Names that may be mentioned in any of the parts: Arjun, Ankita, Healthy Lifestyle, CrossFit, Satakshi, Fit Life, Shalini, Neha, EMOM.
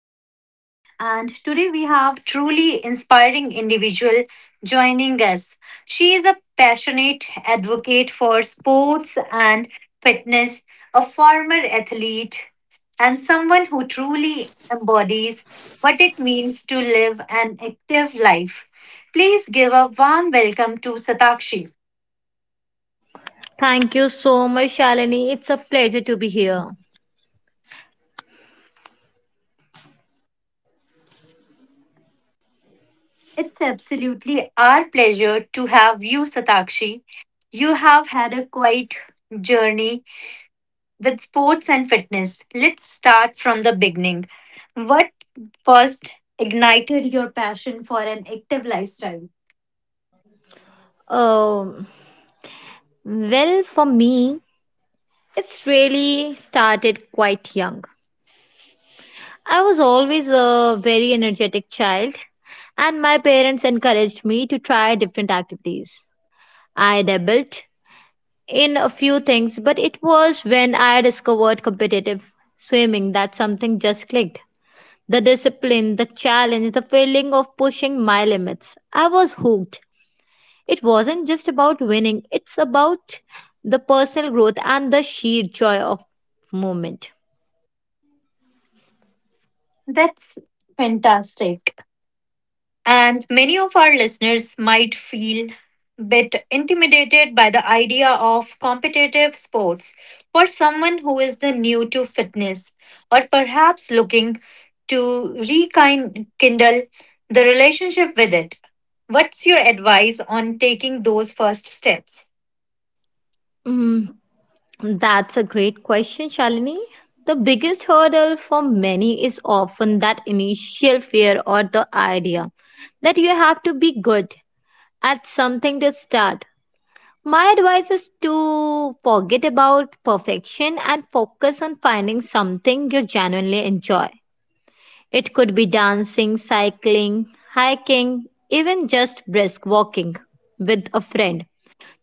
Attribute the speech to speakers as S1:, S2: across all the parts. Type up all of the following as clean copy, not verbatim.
S1: Shalini, and today we have truly inspiring individual joining us. She is a passionate advocate for sports and fitness, a former athlete, and someone who truly embodies what it means to live an active life. Please give a warm welcome to Satakshi.
S2: Thank you so much, Shalini. It's a pleasure to be here.
S1: It's absolutely our pleasure to have you, Satakshi. You have had a quite journey with sports and fitness. Let's start from the beginning. What first ignited your passion for an active lifestyle?
S2: Um, well, for me, it's really started quite young. I was always a very energetic child, and my parents encouraged me to try different activities. I dabbled in a few things, but it was when I discovered competitive swimming that something just clicked. The discipline, the challenge, the feeling of pushing my limits. I was hooked. It wasn't just about winning, it's about the personal growth and the sheer joy of movement.
S1: That's fantastic. And many of our listeners might feel a bit intimidated by the idea of competitive sports for someone who is the new to fitness or perhaps looking to rekindle the relationship with it. What's your advice on taking those first steps?
S2: Mm, that's a great question, Shalini. The biggest hurdle for many is often that initial fear or the idea that you have to be good at something to start. My advice is to forget about perfection and focus on finding something you genuinely enjoy. It could be dancing, cycling, hiking, even just brisk walking with a friend.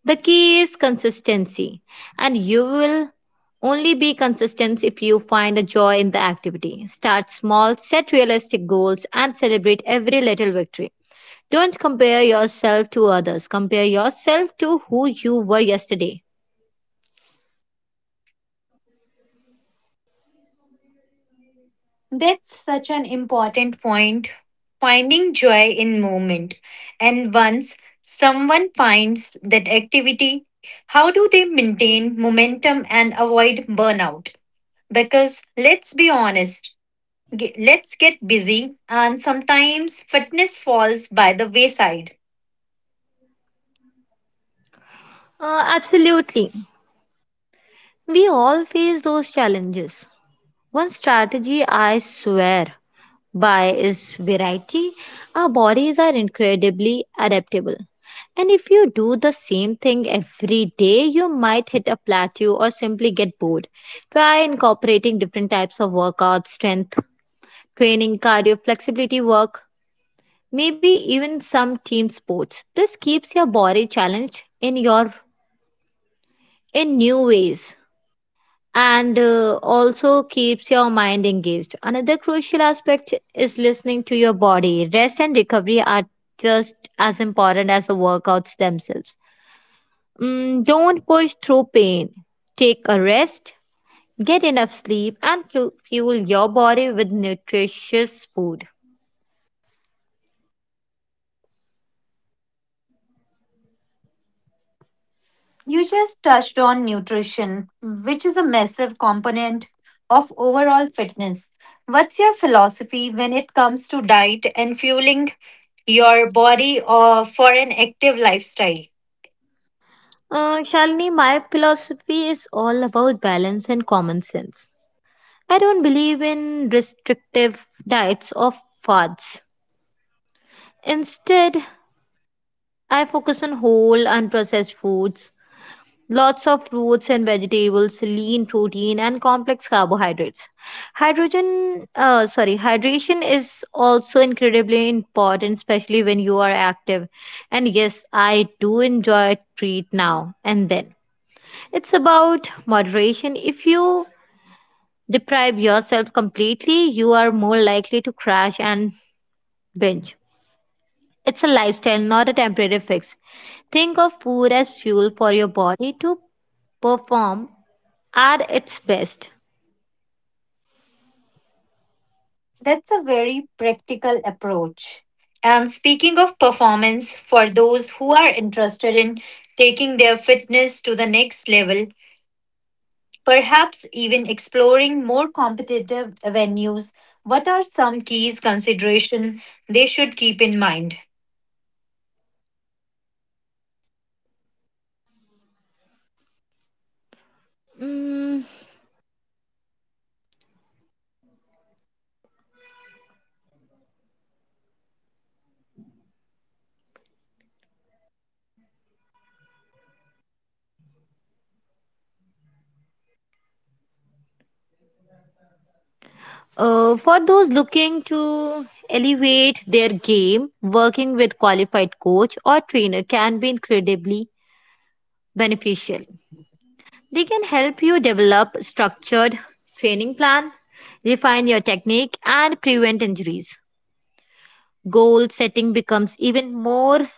S2: The key is consistency, and you will only be consistent if you find a joy in the activity. Start small, set realistic goals, and celebrate every little victory. Don't compare yourself to others, compare yourself to who you were yesterday.
S1: That's such an important point. Finding joy in movement. And once someone finds that activity, how do they maintain momentum and avoid burnout? Because let's be honest, let's get busy, and sometimes fitness falls by the wayside.
S2: Absolutely. We all face those challenges. One strategy I swear by its variety, our bodies are incredibly adaptable. And if you do the same thing every day, you might hit a plateau or simply get bored. Try incorporating different types of workouts, strength training, cardio, flexibility work, maybe even some team sports. This keeps your body challenged in new ways and also keeps your mind engaged. Another crucial aspect is listening to your body. Rest and recovery are just as important as the workouts themselves. Don't push through pain. Take a rest, get enough sleep, and fuel your body with nutritious food.
S1: You just touched on nutrition, which is a massive component of overall fitness. What's your philosophy when it comes to diet and fueling your body or for an active lifestyle?
S2: Shalini, my philosophy is all about balance and common sense. I don't believe in restrictive diets or fads. Instead, I focus on whole, unprocessed foods, lots of fruits and vegetables, lean protein, and complex carbohydrates. Hydration is also incredibly important, especially when you are active. And yes, I do enjoy a treat now and then. It's about moderation. If you deprive yourself completely, you are more likely to crash and binge. It's a lifestyle, not a temporary fix. Think of food as fuel for your body to perform at its best.
S1: That's a very practical approach. And speaking of performance, for those who are interested in taking their fitness to the next level, perhaps even exploring more competitive venues. What are some keys consideration they should keep in mind?
S2: Mm, for those looking to elevate their game, working with qualified coach or trainer can be incredibly beneficial. They can help you develop structured training plan, refine your technique and prevent injuries. Goal setting becomes even more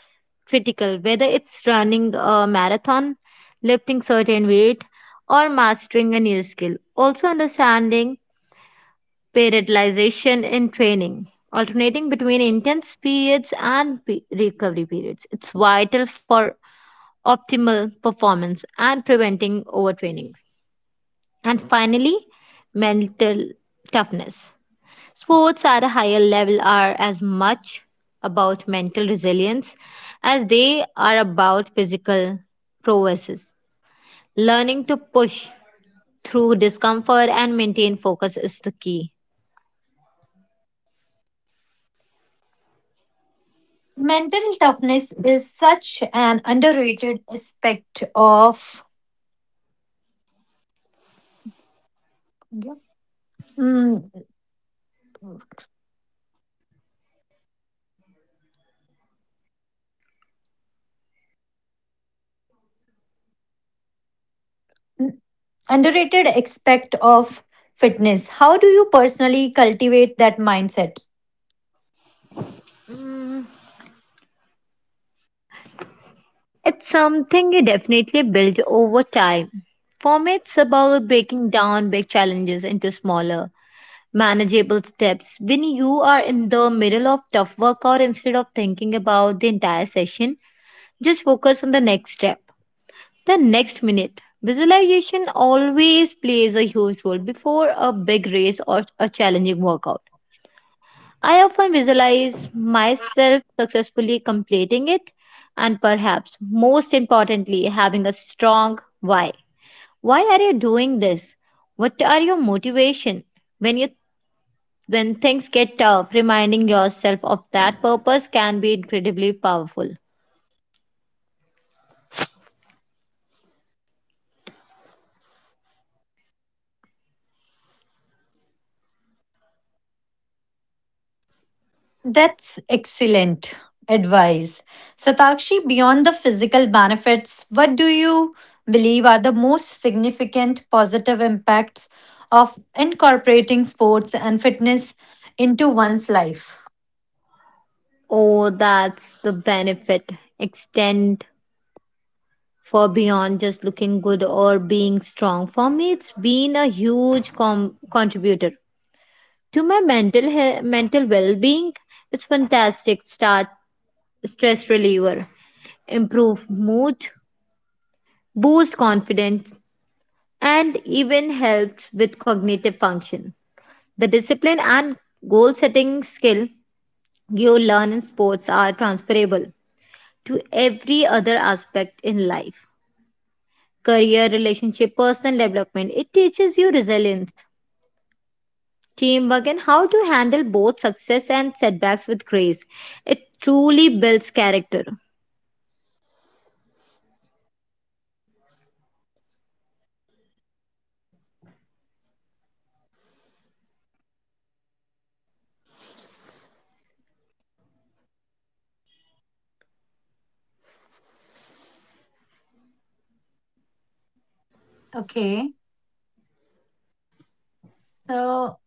S2: critical, whether it's running a marathon, lifting certain weight, or mastering a new skill. Also, understanding periodization in training, alternating between intense periods and recovery periods. It's vital for optimal performance and preventing overtraining. And finally, mental toughness. Sports at a higher level are as much about mental resilience as they are about physical prowess. Learning to push through discomfort and maintain focus is the key.
S1: Mental toughness is such an underrated aspect of. Yeah. Mm, underrated aspect of fitness. How do you personally cultivate that mindset?
S2: Mm, it's something you definitely build over time. For me, it's about breaking down big challenges into smaller, manageable steps. When you are in the middle of tough workout, instead of thinking about the entire session, just focus on the next step. The next minute. Visualization always plays a huge role before a big race or a challenging workout. I often visualize myself successfully completing it and perhaps most importantly, having a strong why. Why are you doing this? What are your motivation? When you when things get tough, reminding yourself of that purpose can be incredibly powerful.
S1: That's excellent advice. Satakshi, beyond the physical benefits, what do you believe are the most significant positive impacts of incorporating sports and fitness into one's life?
S2: Oh, that's the benefit. Extend for beyond just looking good or being strong. For me, it's been a huge contributor to my mental well-being. It's fantastic start stress reliever, improve mood, boost confidence, and even helps with cognitive function. The discipline and goal setting skill you learn in sports are transferable to every other aspect in life career, relationship, personal development. It teaches you resilience, teamwork, and how to handle both success and setbacks with grace. It truly builds character.
S1: Okay, so.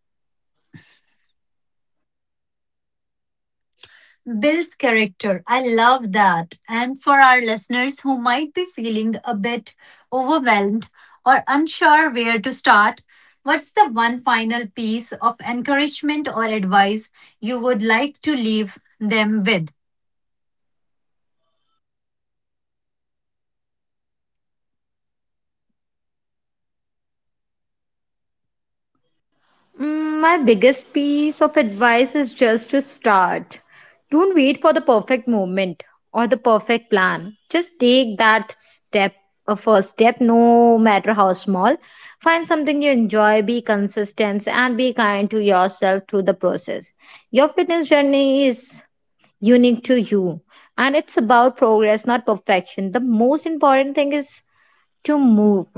S1: Builds character. I love that. And for our listeners who might be feeling a bit overwhelmed or unsure where to start, what's the one final piece of encouragement or advice you would like to leave them with?
S2: My biggest piece of advice is just to start. Don't wait for the perfect moment or the perfect plan. Just take that step, a first step, no matter how small. Find something you enjoy, be consistent, and be kind to yourself through the process. Your fitness journey is unique to you, and it's about progress, not perfection. The most important thing is to move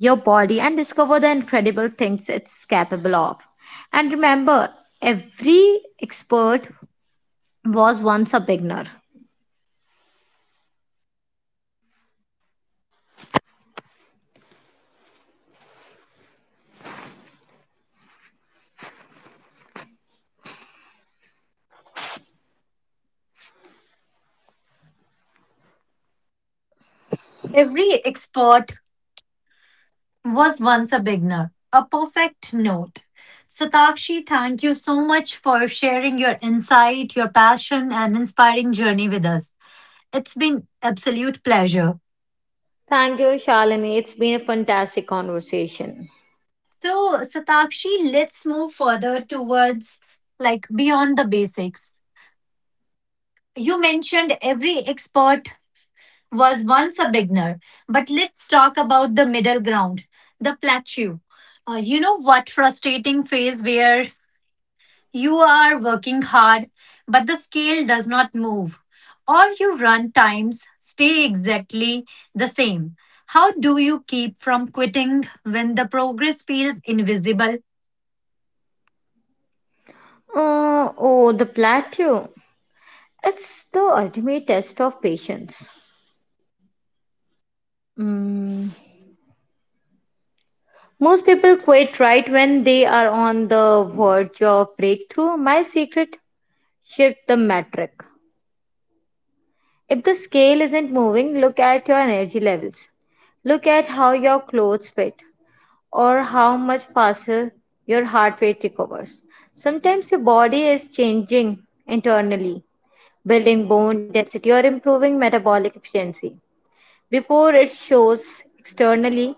S2: your body and discover the incredible things it's capable of. And remember, every expert was once a beginner.
S1: Every expert was once a beginner. A perfect note. Satakshi, thank you so much for sharing your insight, your passion, and inspiring journey with us. It's been absolute pleasure.
S2: Thank you, Shalini. It's been a fantastic conversation.
S1: So, Satakshi, let's move further towards like beyond the basics. You mentioned every expert was once a beginner, but let's talk about the middle ground, the plateau. You know what frustrating phase where you are working hard, but the scale does not move, or you run times stay exactly the same. How do you keep from quitting when the progress feels invisible?
S2: Oh, the plateau. It's the ultimate test of patience. Mm. Most people quit right when they are on the verge of breakthrough. My secret shift the metric. If the scale isn't moving, look at your energy levels. Look at how your clothes fit or how much faster your heart rate recovers. Sometimes your body is changing internally, building bone density or improving metabolic efficiency before it shows externally.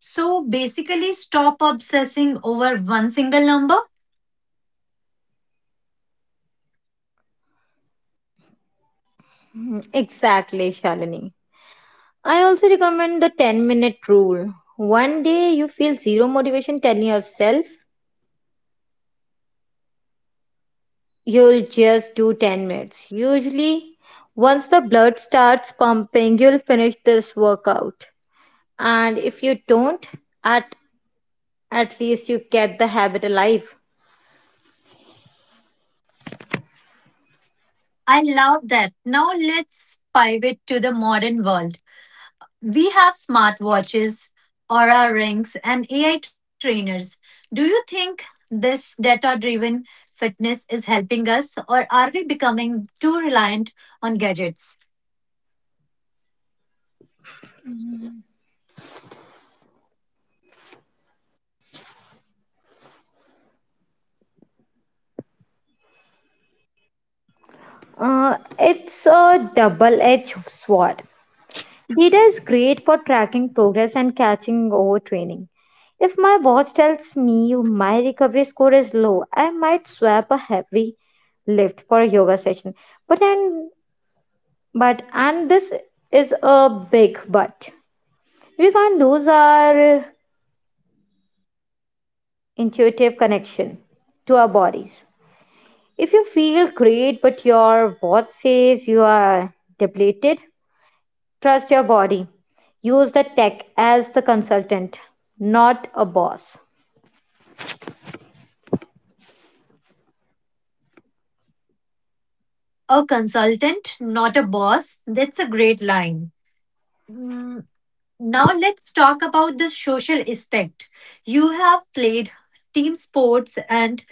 S1: So basically, stop obsessing over one single number.
S2: Mhm, exactly, Shalini. I also recommend the 10-minute rule. One day you feel zero motivation, telling yourself you'll just do 10 minutes. Usually, once the blood starts pumping, you'll finish this workout. And if you don't, at at least you kept the habit alive.
S1: I love that. Now let's pivot to the modern world. We have smartwatches, Aura rings, and AI trainers. Do you think this data driven fitness is helping us, or are we becoming too reliant on gadgets?
S2: It's a double edged sword. Data is great for tracking progress and catching overtraining. If my watch tells me my recovery score is low, I might swap a heavy lift for a yoga session. But i But, and this is a big but, we can't lose our intuitive connection to our bodies. If you feel great but your watch says you are depleted, trust your body. Use the tech as the consultant, not a boss.
S1: A consultant, not a boss. That's a great line. Mm, now let's talk about the social aspect. You have played team sports and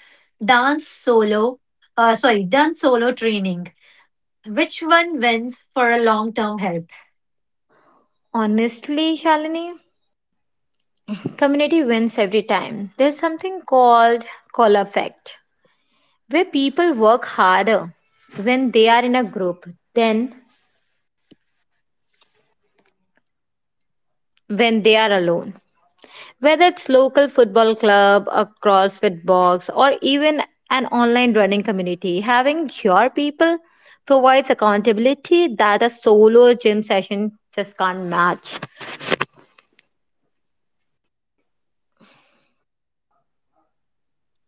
S1: dance solo, done solo training. Which one wins for a long term health?
S2: Honestly, Shalini, community wins every time. There's something called call effect, where people work harder when they are in a group than when they are alone. Whether it's local football club, a CrossFit box, or even an online running community, having your people provides accountability that a solo gym session just can't match.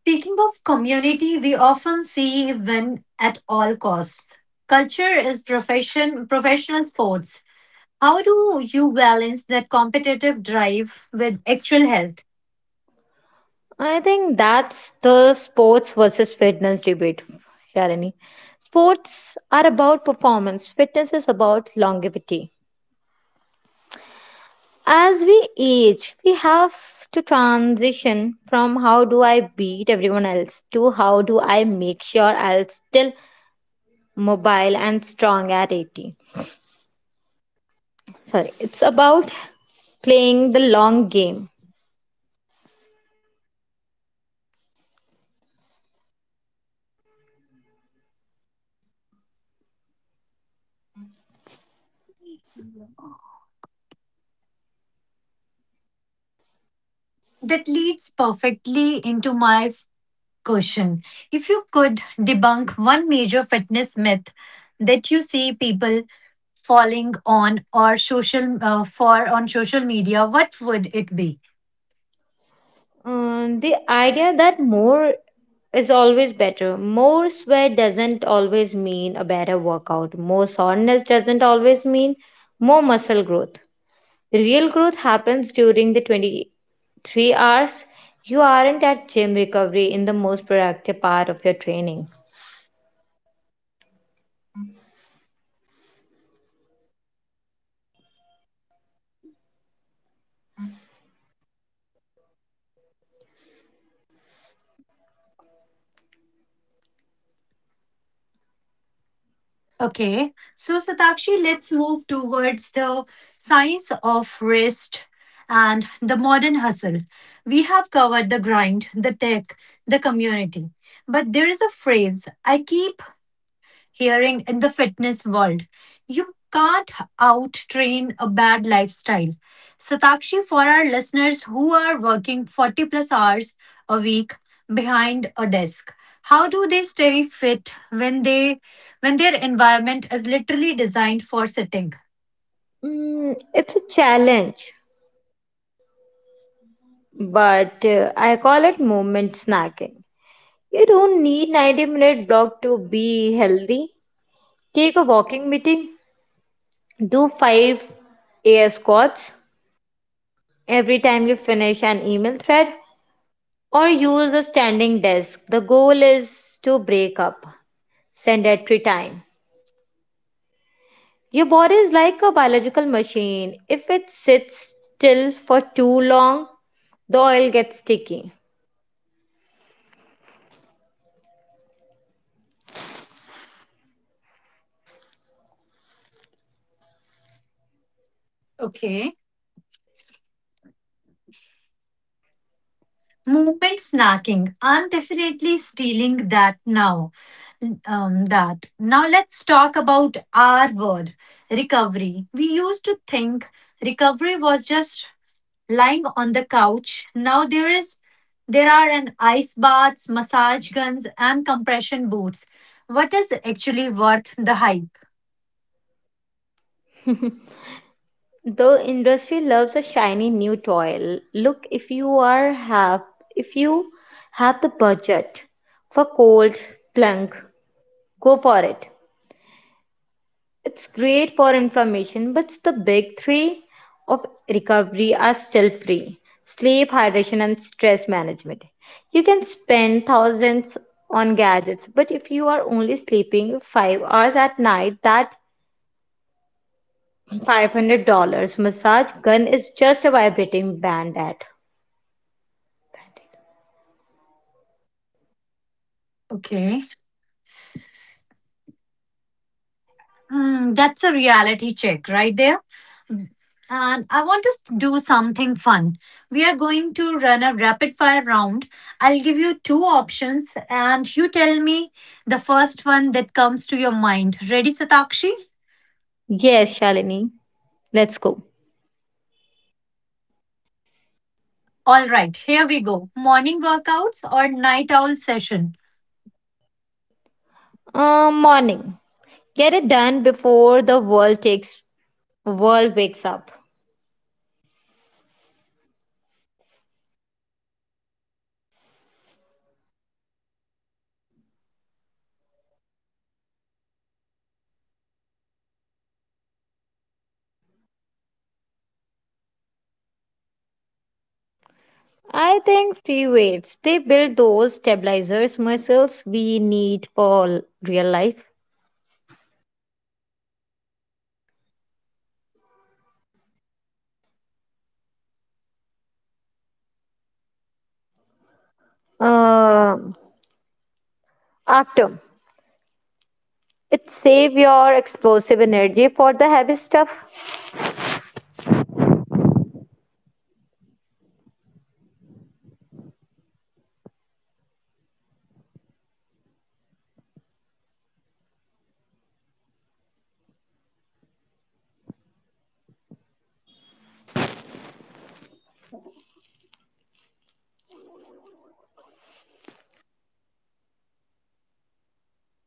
S1: Speaking of community, we often see win at all costs. Culture is professional sports. How do you balance that competitive drive with actual health?
S2: I think that's the sports versus fitness debate, Sharani. Sports are about performance, fitness is about longevity. As we age, we have to transition from how do I beat everyone else to how do I make sure I'll still mobile and strong at 80. Sorry, it's about playing the long game.
S1: That leads perfectly into my question. If you could debunk one major fitness myth that you see people falling on or social for on social media, what would it be?
S2: The idea that more is always better. More sweat doesn't always mean a better workout. More soreness doesn't always mean more muscle growth. Real growth happens during the 23 hours. You aren't at gym recovery in the most productive part of your training.
S1: Okay, so Satakshi, let's move towards the science of rest and the modern hustle. We have covered the grind, the tech, the community, but there is a phrase I keep hearing in the fitness world. You can't out train a bad lifestyle. Satakshi, for our listeners who are working 40 plus hours a week behind a desk, how do they stay fit when they when their environment is literally designed for sitting?
S2: It's a challenge. But I call it movement snacking. You don't need 90-minute block to be healthy. Take a walking meeting, do 5 air squats every time you finish an email thread, or use a standing desk. The goal is to break up sedentary time. Your body is like a biological machine. If it sits still for too long, the oil gets sticky.
S1: Okay. Movement snacking. I'm definitely stealing that now. That now let's talk about our word recovery. We used to think recovery was just lying on the couch. Now there are an ice baths, massage guns, and compression boots. What is actually worth the hype?
S2: The industry loves a shiny new toy. Look, if you have the budget for cold plunk, go for it. It's great for inflammation, but the big three of recovery are still free sleep, hydration, and stress management. You can spend thousands on gadgets, but if you are only sleeping 5 hours at night, that $500 massage gun is just a vibrating band at.
S1: Okay. Hmm, that's a reality check right there. And I want to do something fun. We are going to run a rapid fire round. I'll give you two options and you tell me the first one that comes to your mind. Ready, Satakshi?
S2: Yes, Shalini, let's go.
S1: All right, here we go. Morning workouts or night owl session?
S2: Morning. Get it done before the world wakes up.
S1: Okay. So free weights or machines?
S2: I think free weights, they build those stabilizers muscles we need for real life.
S1: Okay. We need cardio before after weights.
S2: Um, After, it save your explosive energy for the heavy stuff.
S1: Perfect form or max instant intensity.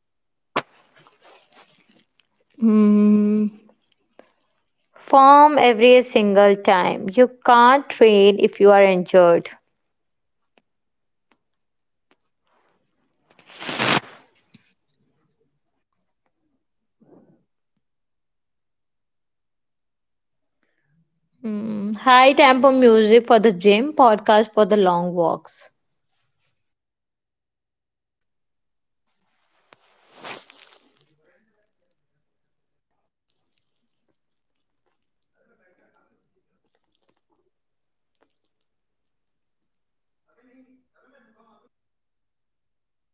S2: Hmm. Form every single time. You can't train if you are injured.
S1: Music or podcast while training.
S2: Hmm. High tempo music for the gym, podcast for the long walks.
S1: Okay. Perfect, Satakshi. This has been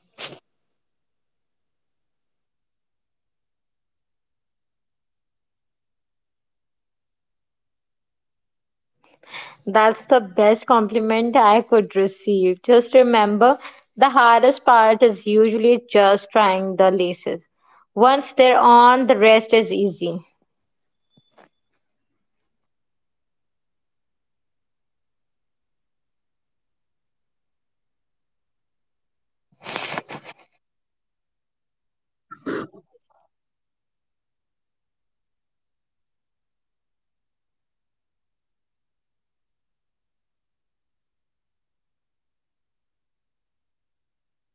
S1: absolute masterclass and fitness and mindset. I feel like I need to go put on my running shoes right now.
S2: That's the best compliment I could receive. Just remember, the hardest part is usually just trying the laces. Once they're on, the rest is easy.
S1: Yes, Tatakshi, you are absolutely correct. Now let's move further towards the legacy of movement. We have talked about how and the what. But as we come to the close of this marathon of a conversation, I want to talk about why, for the long haul, many of us start working out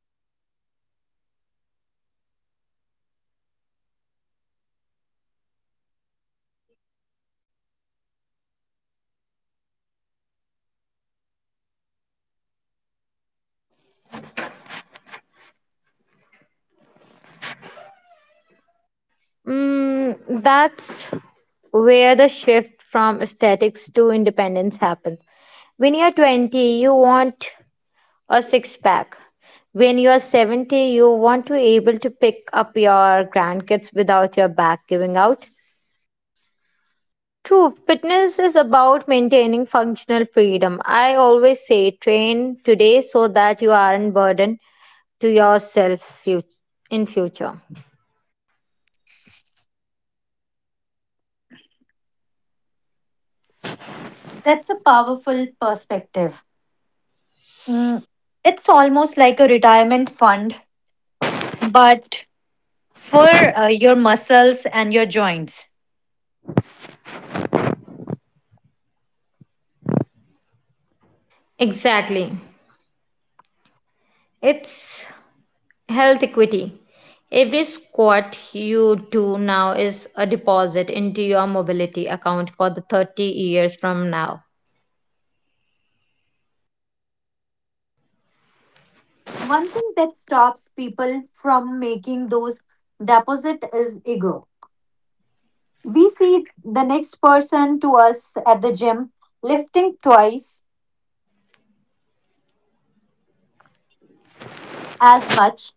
S1: to look a certain way for a wedding or a vacation. But what happens when you are in your 50s, 60s, or 70? How does the definition of fitness change as we age?
S2: That's where the shift from aesthetics to independence happens. When you're 20, you want a six pack. When you're 70, you want to be able to pick up your grandkids without your back giving out. True, fitness is about maintaining functional freedom. I always say train today so that you aren't burdened to yourself in future.
S1: That's a powerful perspective. Mm, it's almost like a retirement fund, but for your muscles and your joints.
S2: Exactly. It's health equity. Every squat you do now is a deposit into your mobility account for the 30 years from now.
S1: One thing that stops people from making those deposit is ego. We see the next person to us at the gym lifting twice as much.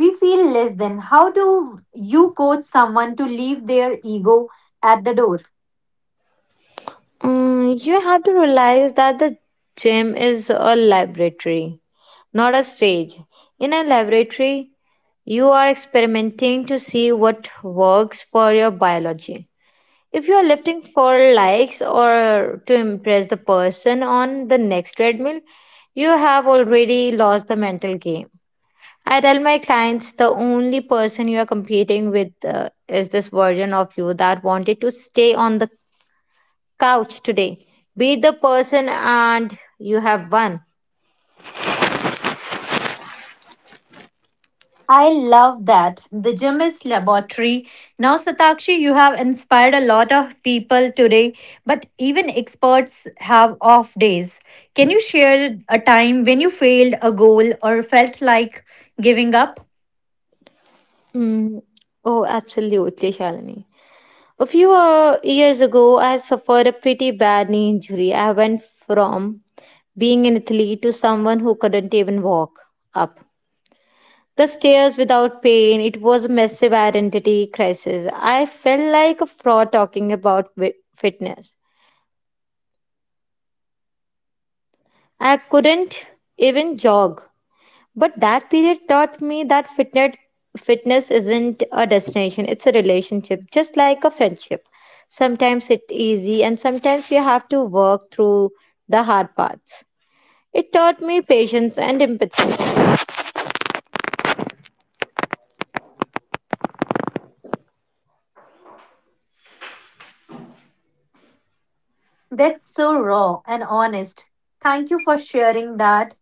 S1: We feel less than. How do you coach someone to leave their ego at the door?
S2: You have to realize that the gym is a laboratory, not a stage. In a laboratory, you are experimenting to see what works for your biology. If you are lifting for likes or to impress the person on the next treadmill, you have already lost the mental game. I tell my clients the only person you are competing with is this version of you that wanted to stay on the couch today. Be the person, and you have won.
S1: I love that. The gym is laboratory. Now, Satakshi, you have inspired a lot of people today, but even experts have off days. Can you share a time when you failed a goal or felt like giving up?
S2: Mm. Oh, absolutely, Shalini. A few years ago, I suffered a pretty bad knee injury. I went from being an athlete to someone who couldn't even walk up the stairs without pain. It was a massive identity crisis. I felt like a fraud talking about fitness. I couldn't even jog. But that period taught me that fitness isn't a destination, it's a relationship, just like a friendship. Sometimes it's easy and sometimes you have to work through the hard parts. It taught me patience and empathy.
S1: That's so raw and honest. Thank you for sharing that.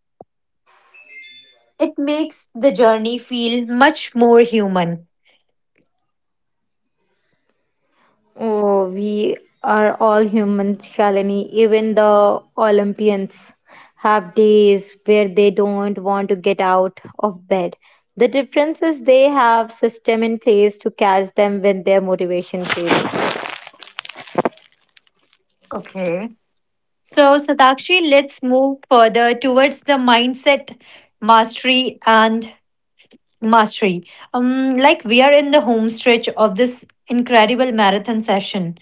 S1: It makes the journey feel much more human.
S2: Oh, we are all humans, Shalini. Even the Olympians have days where they don't want to get out of bed. The difference is they have system in place to catch them when their motivation fails.
S1: Okay. So, Satakshi, let's move further towards the mindset mastery and mastery. Like, we are in the home stretch of this incredible marathon session.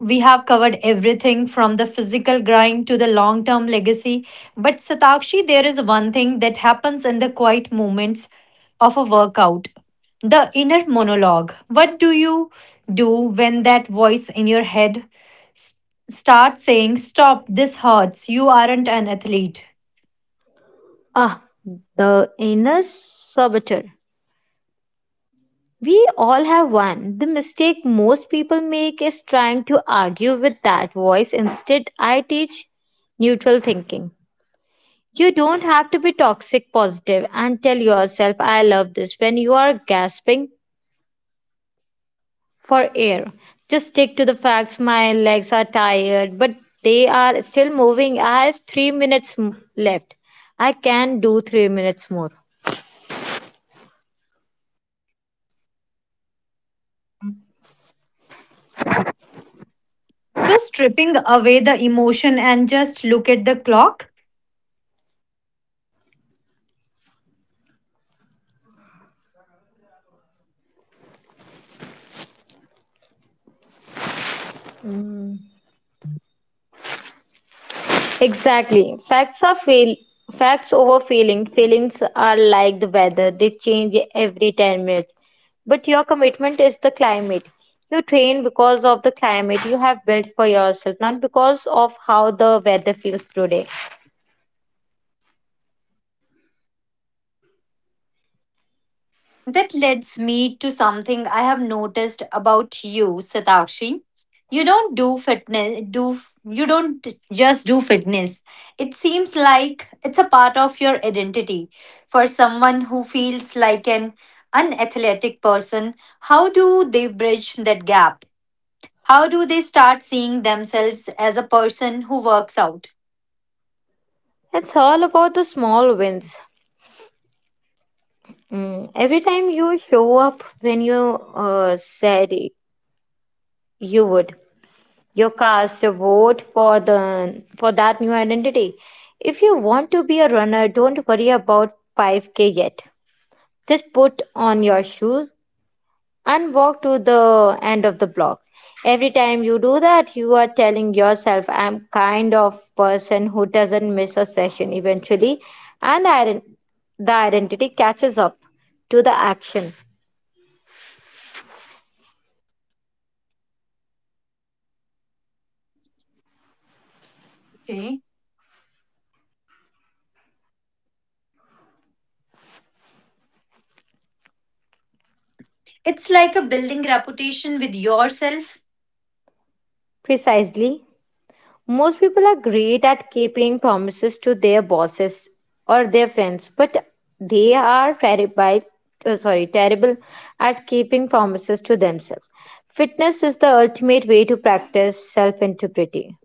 S1: We have covered everything from the physical grind to the long term legacy. But Satakshi, there is one thing that happens in the quiet moments of a workout, the inner monologue. What do you do when that voice in your head s- starts saying, stop, this hurts, you aren't an athlete?
S2: Ah, the inner saboteur. We all have one. The mistake most people make is trying to argue with that voice. Instead, I teach neutral thinking. You don't have to be toxic positive and tell yourself, I love this, when you are gasping for air. Just stick to the facts. My legs are tired, but they are still moving. I have three minutes left. I can do 3 minutes more.
S1: So, stripping away the emotion and just look at the clock.
S2: Mm. Exactly. Facts over feeling. Feelings are like the weather. They change every 10 minutes. But your commitment is the climate. You train because of the climate you have built for yourself, not because of how the weather feels today.
S1: That leads me to something I have noticed about you, Satakshi. You don't do fitness, you don't just do fitness. It seems like it's a part of your identity. For someone who feels like an unathletic person, how do they bridge that gap? How do they start seeing themselves as a person who works out?
S2: It's all about the small wins. Mm, every time you show up when you said you would, you cast your vote for that new identity. If you want to be a runner, don't worry about 5K yet. Just put on your shoes and walk to the end of the block. Every time you do that, you are telling yourself, I'm kind of person who doesn't miss a session. Eventually, and I, the identity catches up to the action.
S1: Okay. It's like a building reputation with yourself.
S2: Precisely. Most people are great at keeping promises to their bosses or their friends, but they are terrible at keeping promises to themselves. Fitness is the ultimate way to practice self integrity.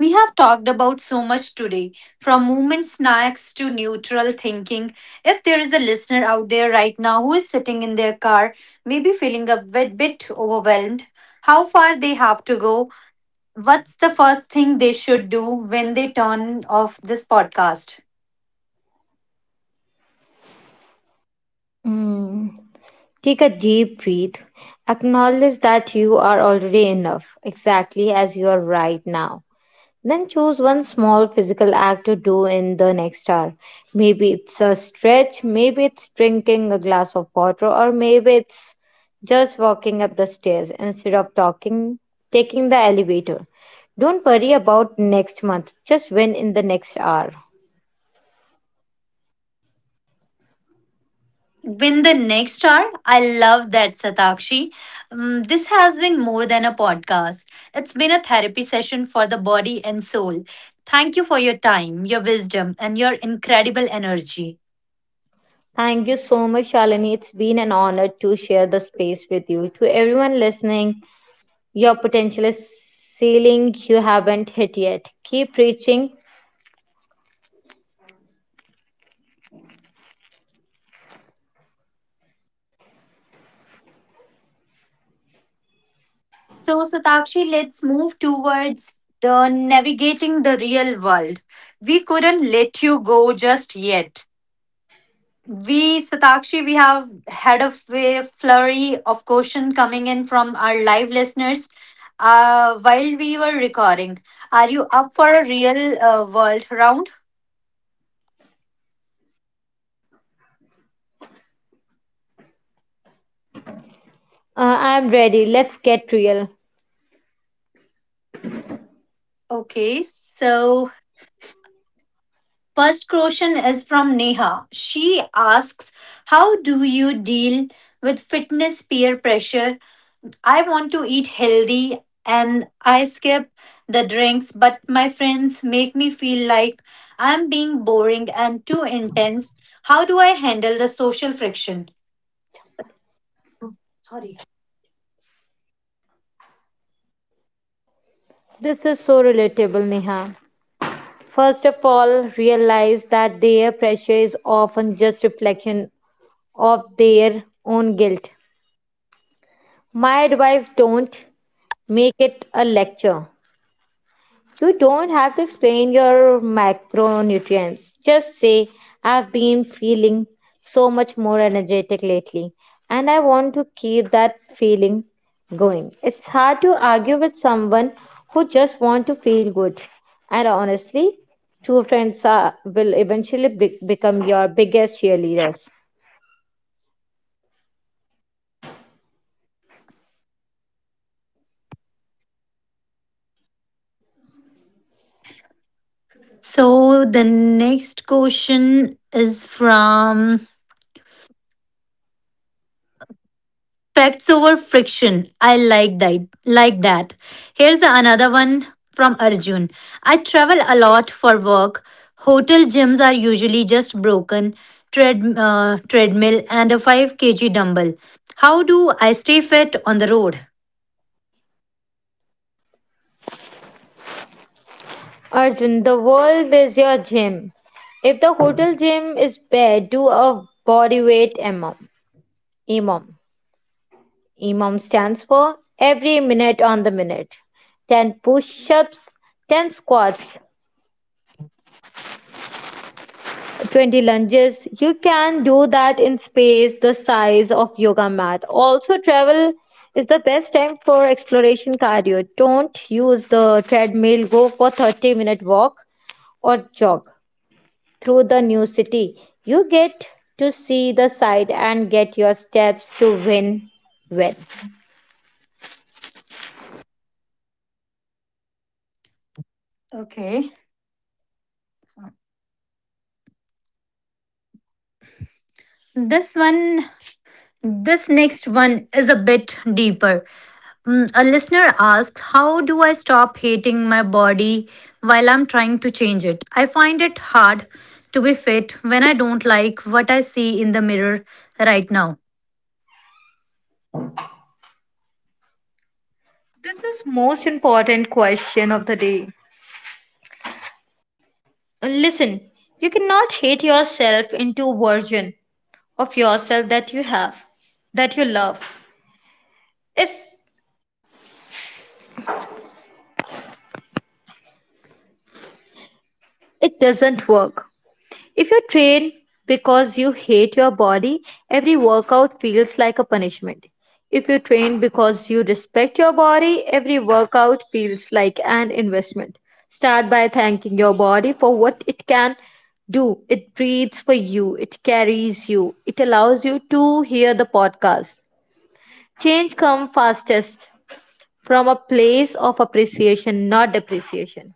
S1: We have talked about so much today, from movement snacks to neutral thinking. If there is a listener out there right now who is sitting in their car, maybe feeling bit overwhelmed, how far they have to go, what's the first thing they should do when they turn off this podcast?
S2: Mm. Take a deep breath. Acknowledge that you are already enough, exactly as you are right now. Then choose one small physical act to do in the next hour. Maybe it's a stretch, maybe it's drinking a glass of water, or maybe it's just walking up the stairs instead of talking, taking the elevator. Don't worry about next month, just win in the next hour.
S1: Win the next star. I love that, Satakshi. This has been more than a podcast, it's been a therapy session for the body and soul. Thank you for your time, your wisdom, and your incredible energy.
S2: Thank you so much, Shalini. It's been an honor to share the space with you. To everyone listening, your potential is ceiling you haven't hit yet. Keep reaching.
S1: So, Satakshi, let's move towards the navigating the real world. We couldn't let you go just yet. Satakshi, we have had a flurry of question coming in from our live listeners while we were recording. Are you up for a real world round?
S2: I'm ready. Let's get real.
S1: Okay, so first question is from Neha. She asks, how do you deal with fitness peer pressure? I want to eat healthy and I skip the drinks, but my friends make me feel like I'm being boring and too intense. How do I handle the social friction? Sorry.
S2: This is so relatable, Neha. First of all, realize that their pressure is often just reflection of their own guilt. My advice, don't make it a lecture. You don't have to explain your macronutrients. Just say, I've been feeling so much more energetic lately, and I want to keep that feeling going. It's hard to argue with someone who just wants to feel good. And honestly, true friends are, will eventually become your biggest cheerleaders.
S1: So the next question is from. Facts over friction. I like that. Like that. Here's another one from Arjun. I travel a lot for work. Hotel gyms are usually just broken treadmill and a 5 kg dumbbell. How do I stay fit on the road?
S2: Arjun, the world is your gym. If the hotel gym is bare, do a body weight amount. Imam. EMOM stands for every minute on the minute. 10 push ups, 10 squats, 20 lunges. You can do that in space the size of yoga mat. Also, travel is the best time for exploration cardio. Don't use the treadmill, go for 30-minute walk or jog through the new city. You get to see the site and get your steps to win well.
S1: Okay. This one. This next one is a bit deeper. Mm, a listener asks, how do I stop hating my body while I'm trying to change it? I find it hard to be fit when I don't like what I see in the mirror right now.
S2: This is most important question of the day. Listen, you cannot hate yourself into a version of yourself that you have, that you love. It's, it doesn't work. If you train because you hate your body, every workout feels like a punishment. If you train because you respect your body, every workout feels like an investment. Start by thanking your body for what it can do. It breathes for you, it carries you, it allows you to hear the podcast. Change come fastest from a place of appreciation, not depreciation.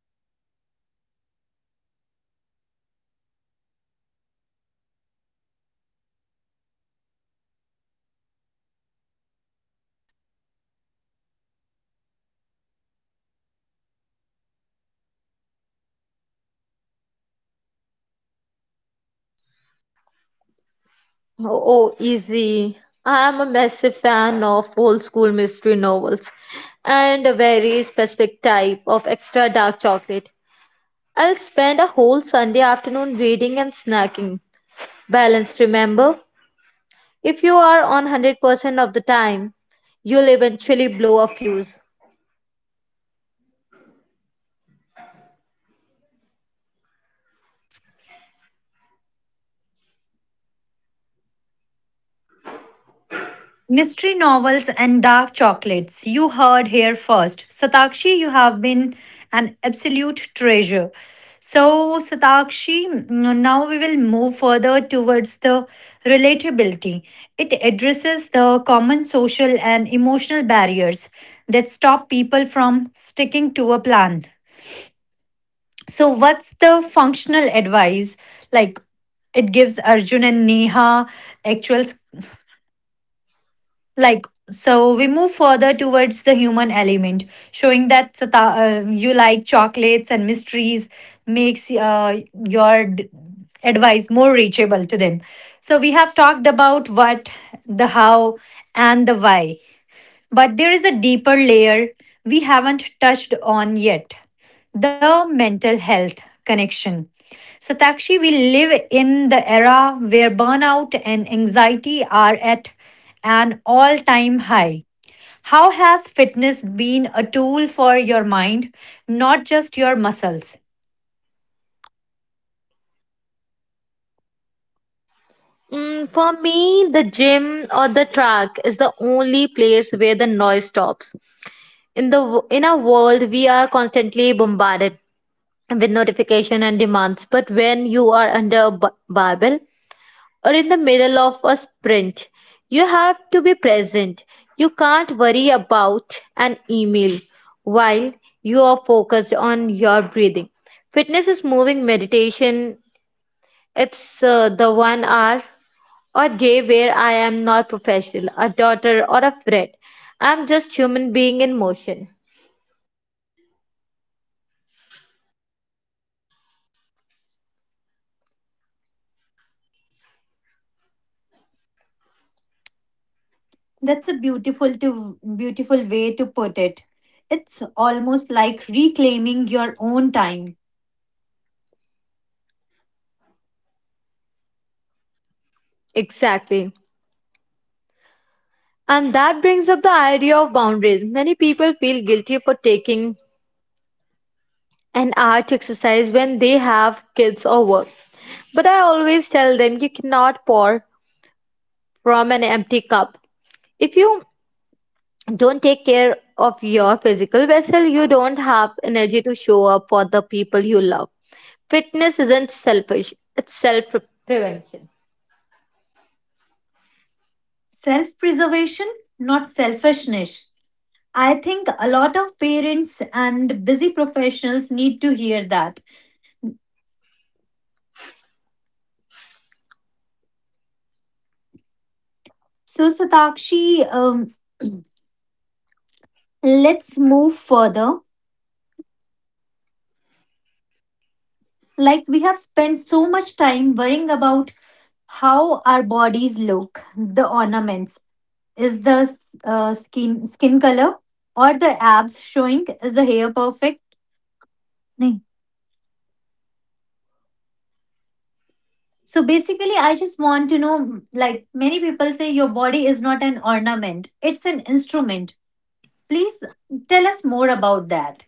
S1: Okay. That is incredibly profound. Investment, not punishment. I think we all needed to hear that. One last quick one. Question: what is your guilty pleasure that has absolutely nothing to do with fitness?
S2: Oh, oh, easy. I am a massive fan of old school mystery novels and a very specific type of extra dark chocolate. I'll spend a whole Sunday afternoon reading and snacking. Balanced, remember? If you are on 100% of the time, you'll eventually blow a fuse.
S1: Mystery novels and dark chocolates. You heard here first. Satakshi, you have been an absolute treasure. So, Satakshi, mm, now we will move further towards the relatability. It addresses the common social and emotional barriers that stop people from sticking to a plan. So, what's the functional advice like it gives Arjun and Neha actual s- like? So, we move further towards the human element, showing that Sata, you like chocolates and mysteries makes your d- advice more reachable to them. So, we have talked about what, the how, and the why. But there is a deeper layer we haven't touched on yet: the mental health connection. Satakshi, we live in the era where burnout and anxiety are at an all time high. How has fitness been a tool for your mind, not just your muscles?
S2: Mm, for me, the gym or the track is the only place where the noise stops. In the in our world, we are constantly bombarded with notification and demands. But when you are under a barbell or in the middle of a sprint, you have to be present. You can't worry about an email while you are focused on your breathing. Fitness is moving meditation. It's the 1 hour or day where I am not professional, a daughter or a friend. I am just human being in motion.
S1: That's a beautiful way to put it. It's almost like reclaiming your own time.
S2: Exactly. And that brings up the idea of boundaries. Many people feel guilty for taking an hour to exercise when they have kids or work. But I always tell them, you cannot pour from an empty cup. If you don't take care of your physical vessel, you don't have energy to show up for the people you love. Fitness isn't selfish, it's self prevention.
S1: Self preservation, not selfishness. I think a lot of parents and busy professionals need to hear that. So, Satakshi, let's move further. Like, we have spent so much time worrying about how our bodies look, the ornaments. Is the skin color or the abs showing, is the hair perfect? So basically, I just want to know, like many people say, your body is not an ornament, it's an instrument. Please tell us more about that.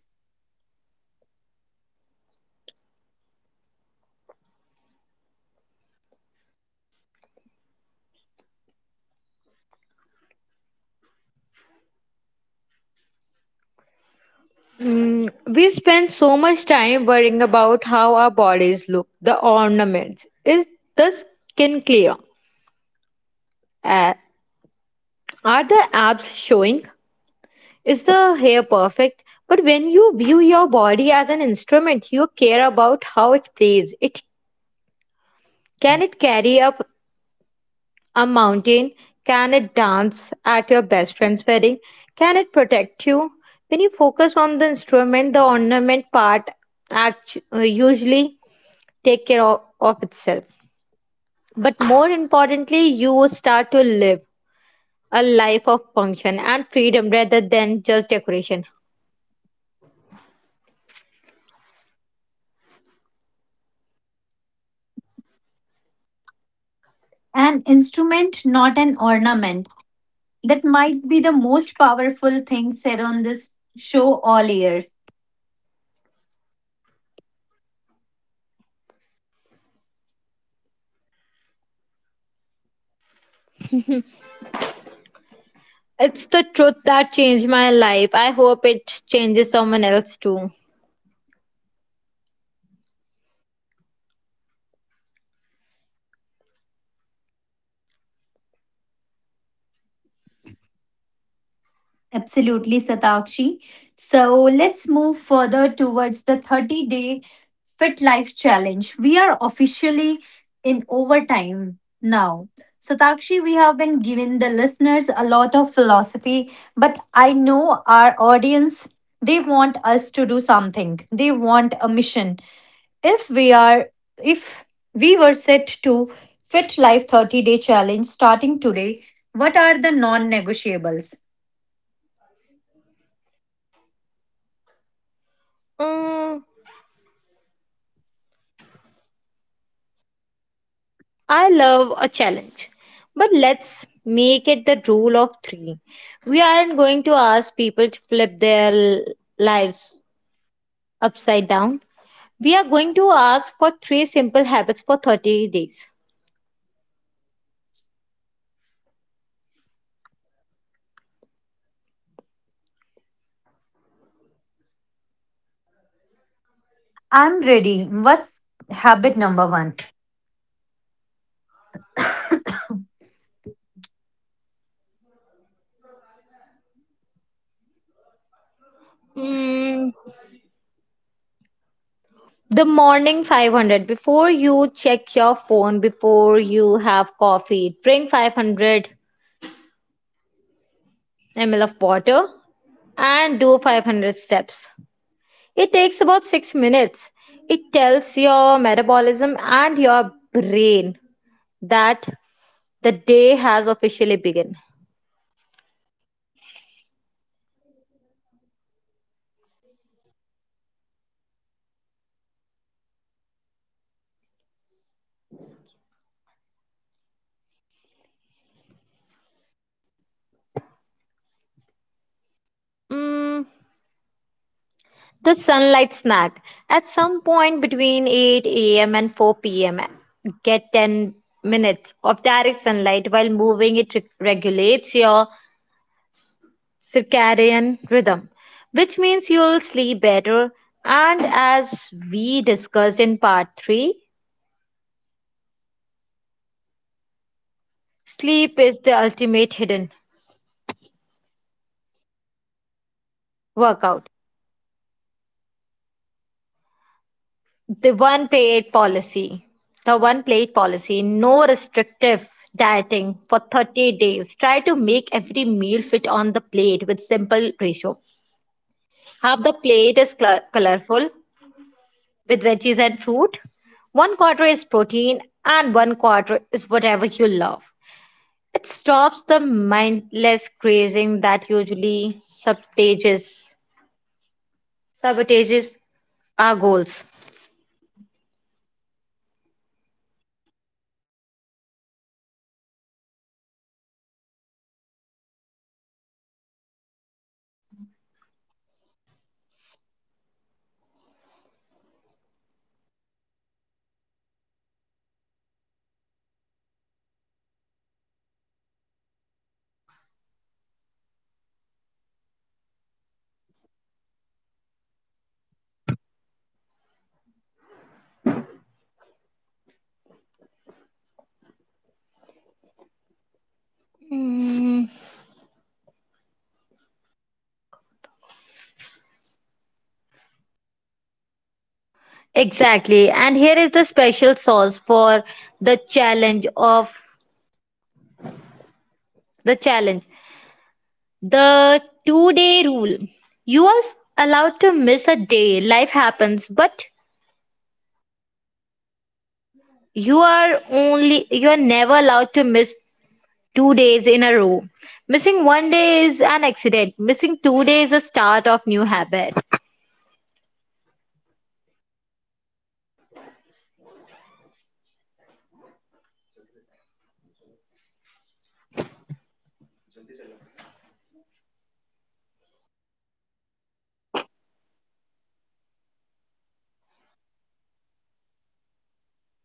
S2: Mm, we spend so much time worrying about how our bodies look, the ornaments. Is the skin clear? Uh, are the abs showing? Is the hair perfect? But when you view your body as an instrument, you care about how it plays. It can it carry up a mountain? Can it dance at your best friend's wedding? Can it protect you? When you focus on the instrument, the ornament part usually take care of itself. But more importantly, you will start to live a life of function and freedom rather than just decoration.
S1: An instrument, not an ornament. That might be the most powerful thing said on this show all year.
S2: It's the truth that changed my life. I hope it changes someone else too.
S1: Absolutely, Satakshi. So let's move further towards the 30-day fit life challenge. We are officially in overtime now. Satakshi, we have been giving the listeners a lot of philosophy, but I know our audience, they want us to do something. They want a mission. If we are, if we were set to fit life 30-day challenge starting today, what are the non negotiables?
S2: Mm, I love a challenge, but let's make it the rule of three. We aren't going to ask people to flip their lives upside down. We are going to ask for three simple habits for 30 days.
S1: I'm ready. What's habit number one?
S2: Mm, the morning 500. Before you check your phone, before you have coffee, drink 500 ml of water and do 500 steps. It takes about 6 minutes. It tells your metabolism and your brain that the day has officially begun.
S1: Love it. Simple and effective. What's the number two?
S2: Mm, the sunlight snack. At some point between 8 a.m. and 4 p.m., get 10 minutes of direct sunlight while moving. It regulates your circadian rhythm, which means you'll sleep better. And as we discussed in part 3, sleep is the ultimate hidden
S1: And the
S2: workout.
S1: third one, the big one.
S2: The one plate policy. The one plate policy. No restrictive dieting for 30 days. Try to make every meal fit on the plate with simple ratio. Half the plate is colorful with veggies and fruit. One quarter is protein and one quarter is whatever you love. It stops the mindless craving that usually sabotages our goals.
S1: Okay. So, morning 500, sunlight snack, and one plate policy. That feels doable. Mm, it doesn't feel like a core, it feels like a lifestyle upgrade.
S2: Mm, exactly. And here is the special sauce for the challenge of the challenge. The 2 day rule. You are allowed to miss a day. Life happens, but you are never allowed to miss 2 days in a row. Missing 1 day is an accident. Missing 2 days is a start of new habit.
S1: Never miss twice. That takes so much of the all or nothing pressure off.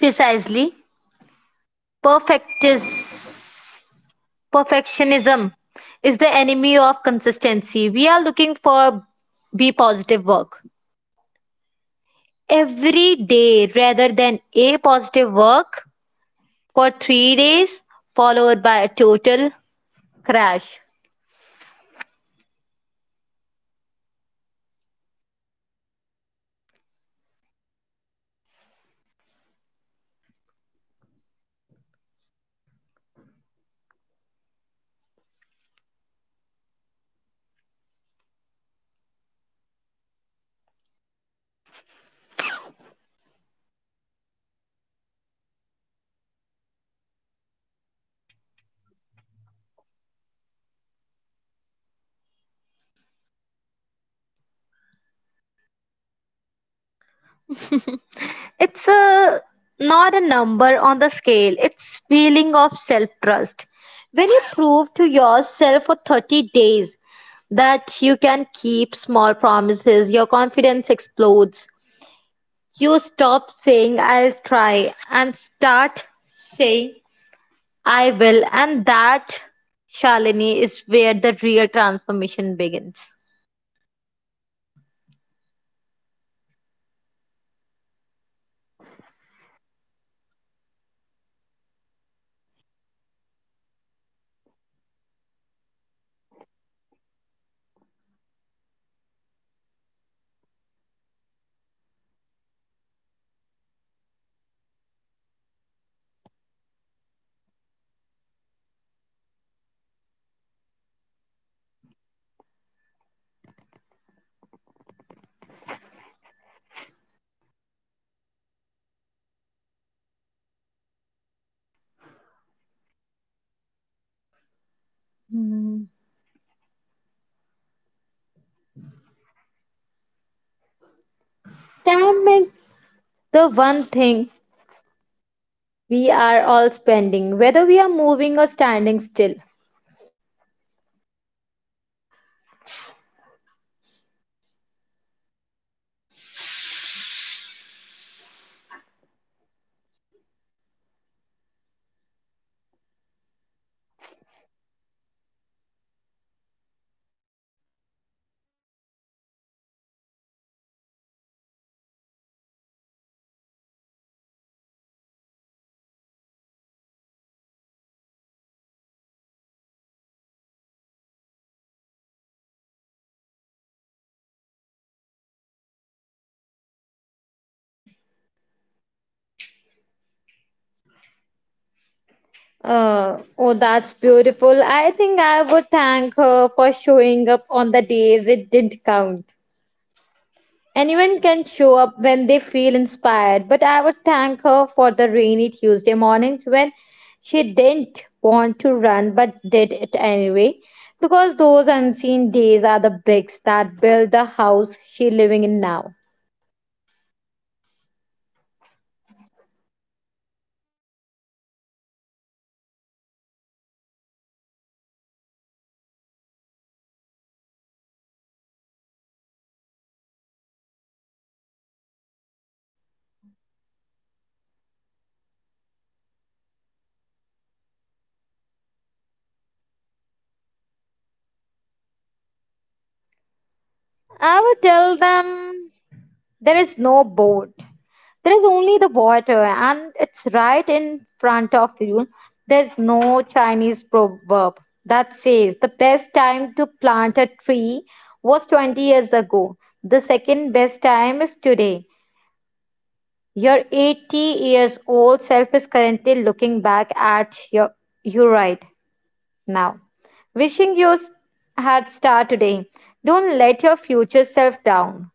S2: Precisely. Perfect is Perfectionism is the enemy of consistency. We are looking for B positive work every day rather than A positive work for 3 days, followed by a total crash.
S1: Okay. I have to ask, for the people who finish this 30-day challenge, what is waiting for them on the other side?
S2: It's a not a number on the scale. It's feeling of self trust. When you prove to yourself for 30 days that you can keep small promises, your confidence explodes. You stop saying I'll try and start saying I will. And that, Shalini, is where the real transformation begins.
S1: A perfect mission for a perfect series. So, Satakshi, now let's talk about the letter to my future self. We have gone through the tactics, the challenges, and the science, but the studio but before we close the studio doors on this series, Satakshi, I want to do something a little different. I want to talk about time.
S2: Mm. Time is the one thing we are all spending, whether we are moving or standing still.
S1: Exactly, so let's imagine a scenario. If you could sit down and write a letter to 80 to your 80-year-old self, the version of Satakshi who has lived through all the workouts, the injuries, and the victories. What would you want to thank her for?
S2: Oh, that's beautiful. I think I would thank her for showing up on the days it didn't count. Anyone can show up when they feel inspired, but I would thank her for the rainy Tuesday mornings when she didn't want to run but did it anyway. Because those unseen days are the bricks that build the house she's living in now.
S1: The unseen days, I love that. And what would you say to the person listening right now who feels like they have wasted too much time? Maybe they are 40, 50, or 60 and think, I missed the boat. It's too late for me or to be fit.
S2: I would tell them there is no boat. There's only the water, and it's right in front of you. There's no Chinese proverb that says the best time to plant a tree was 20 years ago. The second best time is today. Your 80 years old self is currently looking back at you right now, wishing you had started today. Don't let your future self down.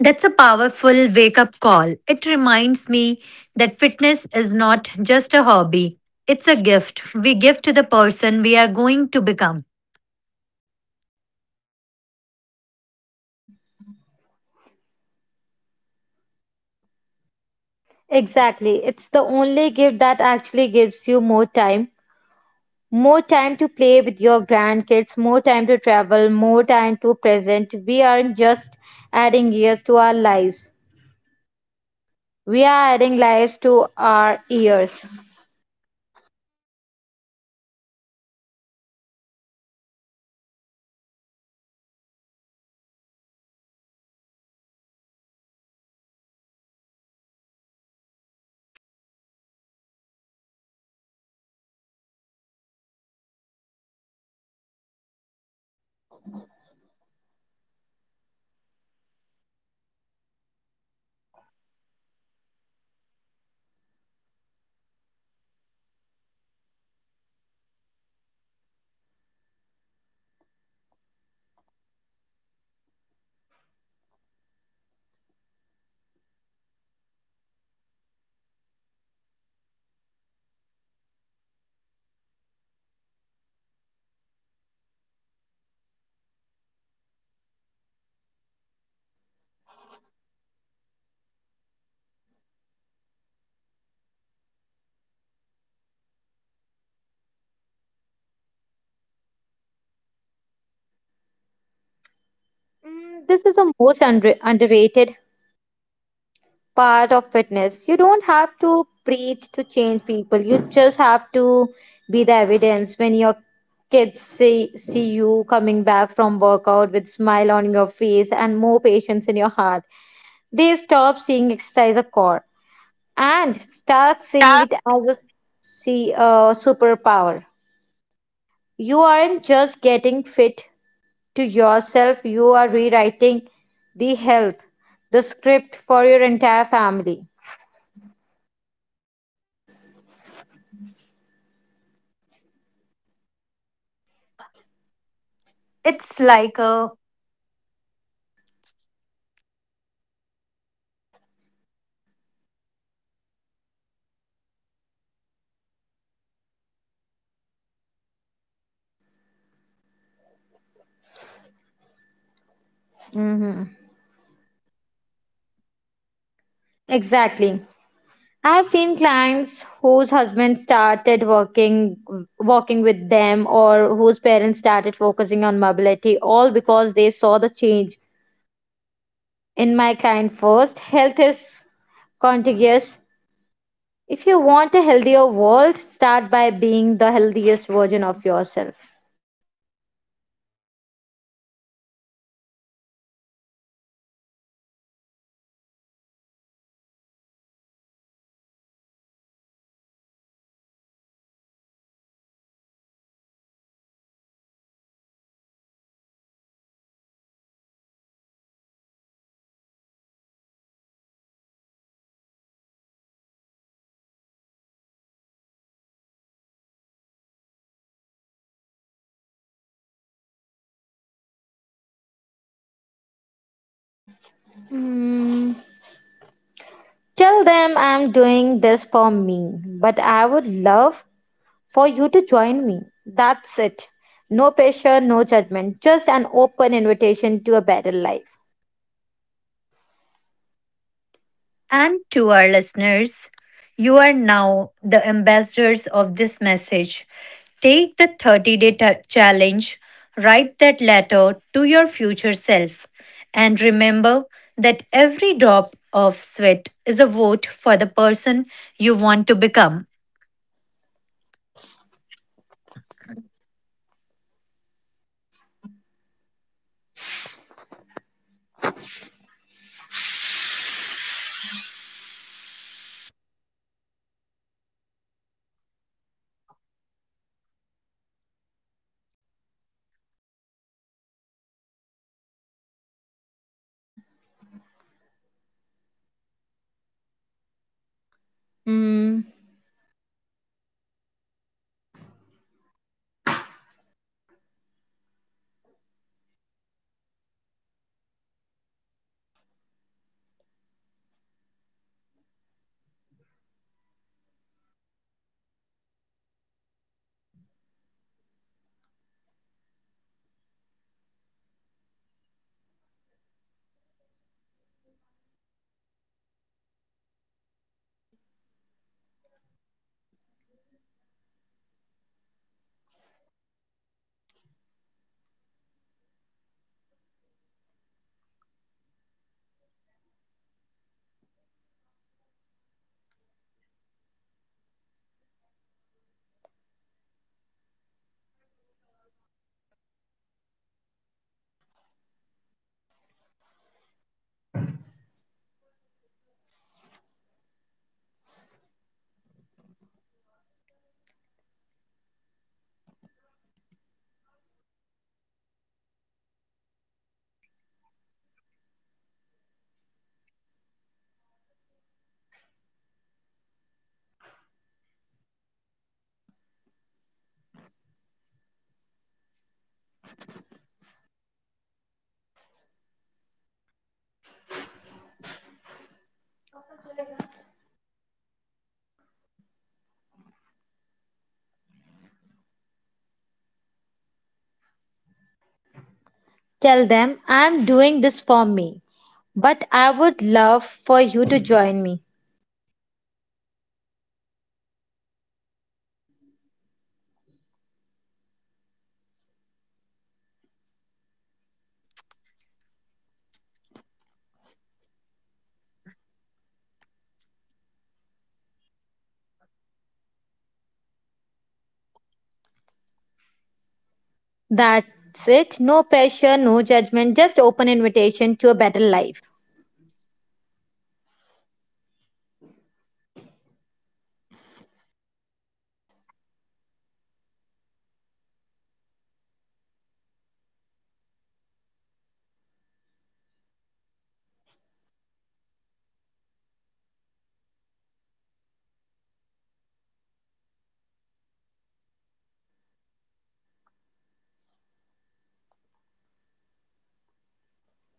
S1: That's a powerful wake up call. It reminds me that fitness is not just a hobby, it's a gift we give to the person we are going to become.
S2: Exactly. It's the only gift that actually gives you more time. More time to play with your grandkids, more time to travel, more time to present. We aren't just adding years to our lives, we are adding lives to our years.
S1: Satakshi, we started this podcast talking about swimming and discipline, and like we are talking about the very meaning of life. I can't thank you enough for your one vulnerability and your wisdom over these nine over these parts. We thought we were done, but the energy in the booth is just too high to stop. We have talked about the individual, but Satakshi, let's talk about the ripple effect. When one person in a house start choosing the stairs or eating more greens or going for that morning run, what happens to the people around them?
S2: Mm, this is the most underrated part of fitness. You don't have to preach to change people, you just have to be the evidence. When your kids see you coming back from workout with smile on your face and more patience in your heart, they stop seeing exercise a chore and start seeing it as a superpower. You aren't just getting fit to yourself, you are rewriting the health, the script for your entire family.
S1: It's like a It's like a silent leadership. You are leading by example without ever saying a word.
S2: Hmm. Exactly. I have seen clients whose husband started working with them or whose parents started focusing on mobility all because they saw the change. In my client first, health is contagious. If you want a healthier world, start by being the healthiest version of yourself.
S1: That's a beautiful responsibility to carry. Now, Satakshi, for our final, final moments, because I think the producers are actually going to kick us out of the studio. Now, let's talk about the Fit Life community. Our listeners have been through these this journey with us. What is the one thing they should say someone else to pass this spark along?
S2: Hmm. Tell them I'm doing this for me, but I would love for you to join me. That's it. No pressure, no judgment, just an open invitation to a better life.
S1: And to our listeners, you are now the ambassadors of this message. Take the challenge, write that letter to your future self, and remember that every drop of sweat is a vote for the person you want to become.
S2: Mm. Tell them I'm doing this for me, but I would love for you to join me. That's it. No pressure, no judgment, just open invitation to a better life.
S1: And to our listeners, you are now ambassadors for this message. Take a 30-day challenge. Write that letter to your future self and remember that every drop of your sweat is a vote for the person you want to become.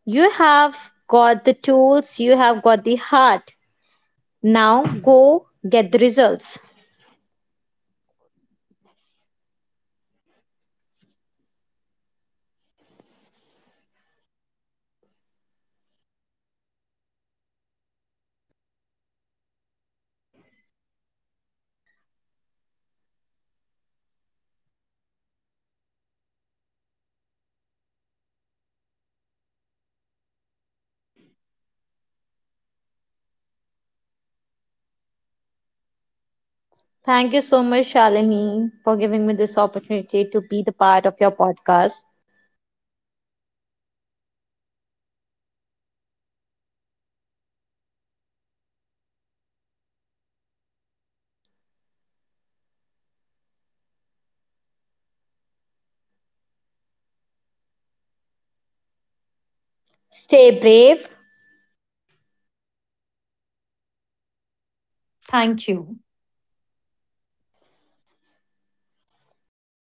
S2: You have got the tools, you have got the heart. Now go get the results.
S1: Satakshi, final time, thank you. Thank you for like coming for this podcast and giving your precious time to us.
S2: Thank you so much, Shalini, for giving me this opportunity to be the part of your podcast.
S1: This is the fit life. This journey end doesn't end here. It's just shifting gears. I'm Shalini and this has been a masterclass in movement. One last time for the road, stay active
S2: Stay brave,
S1: and stay you. Thank you.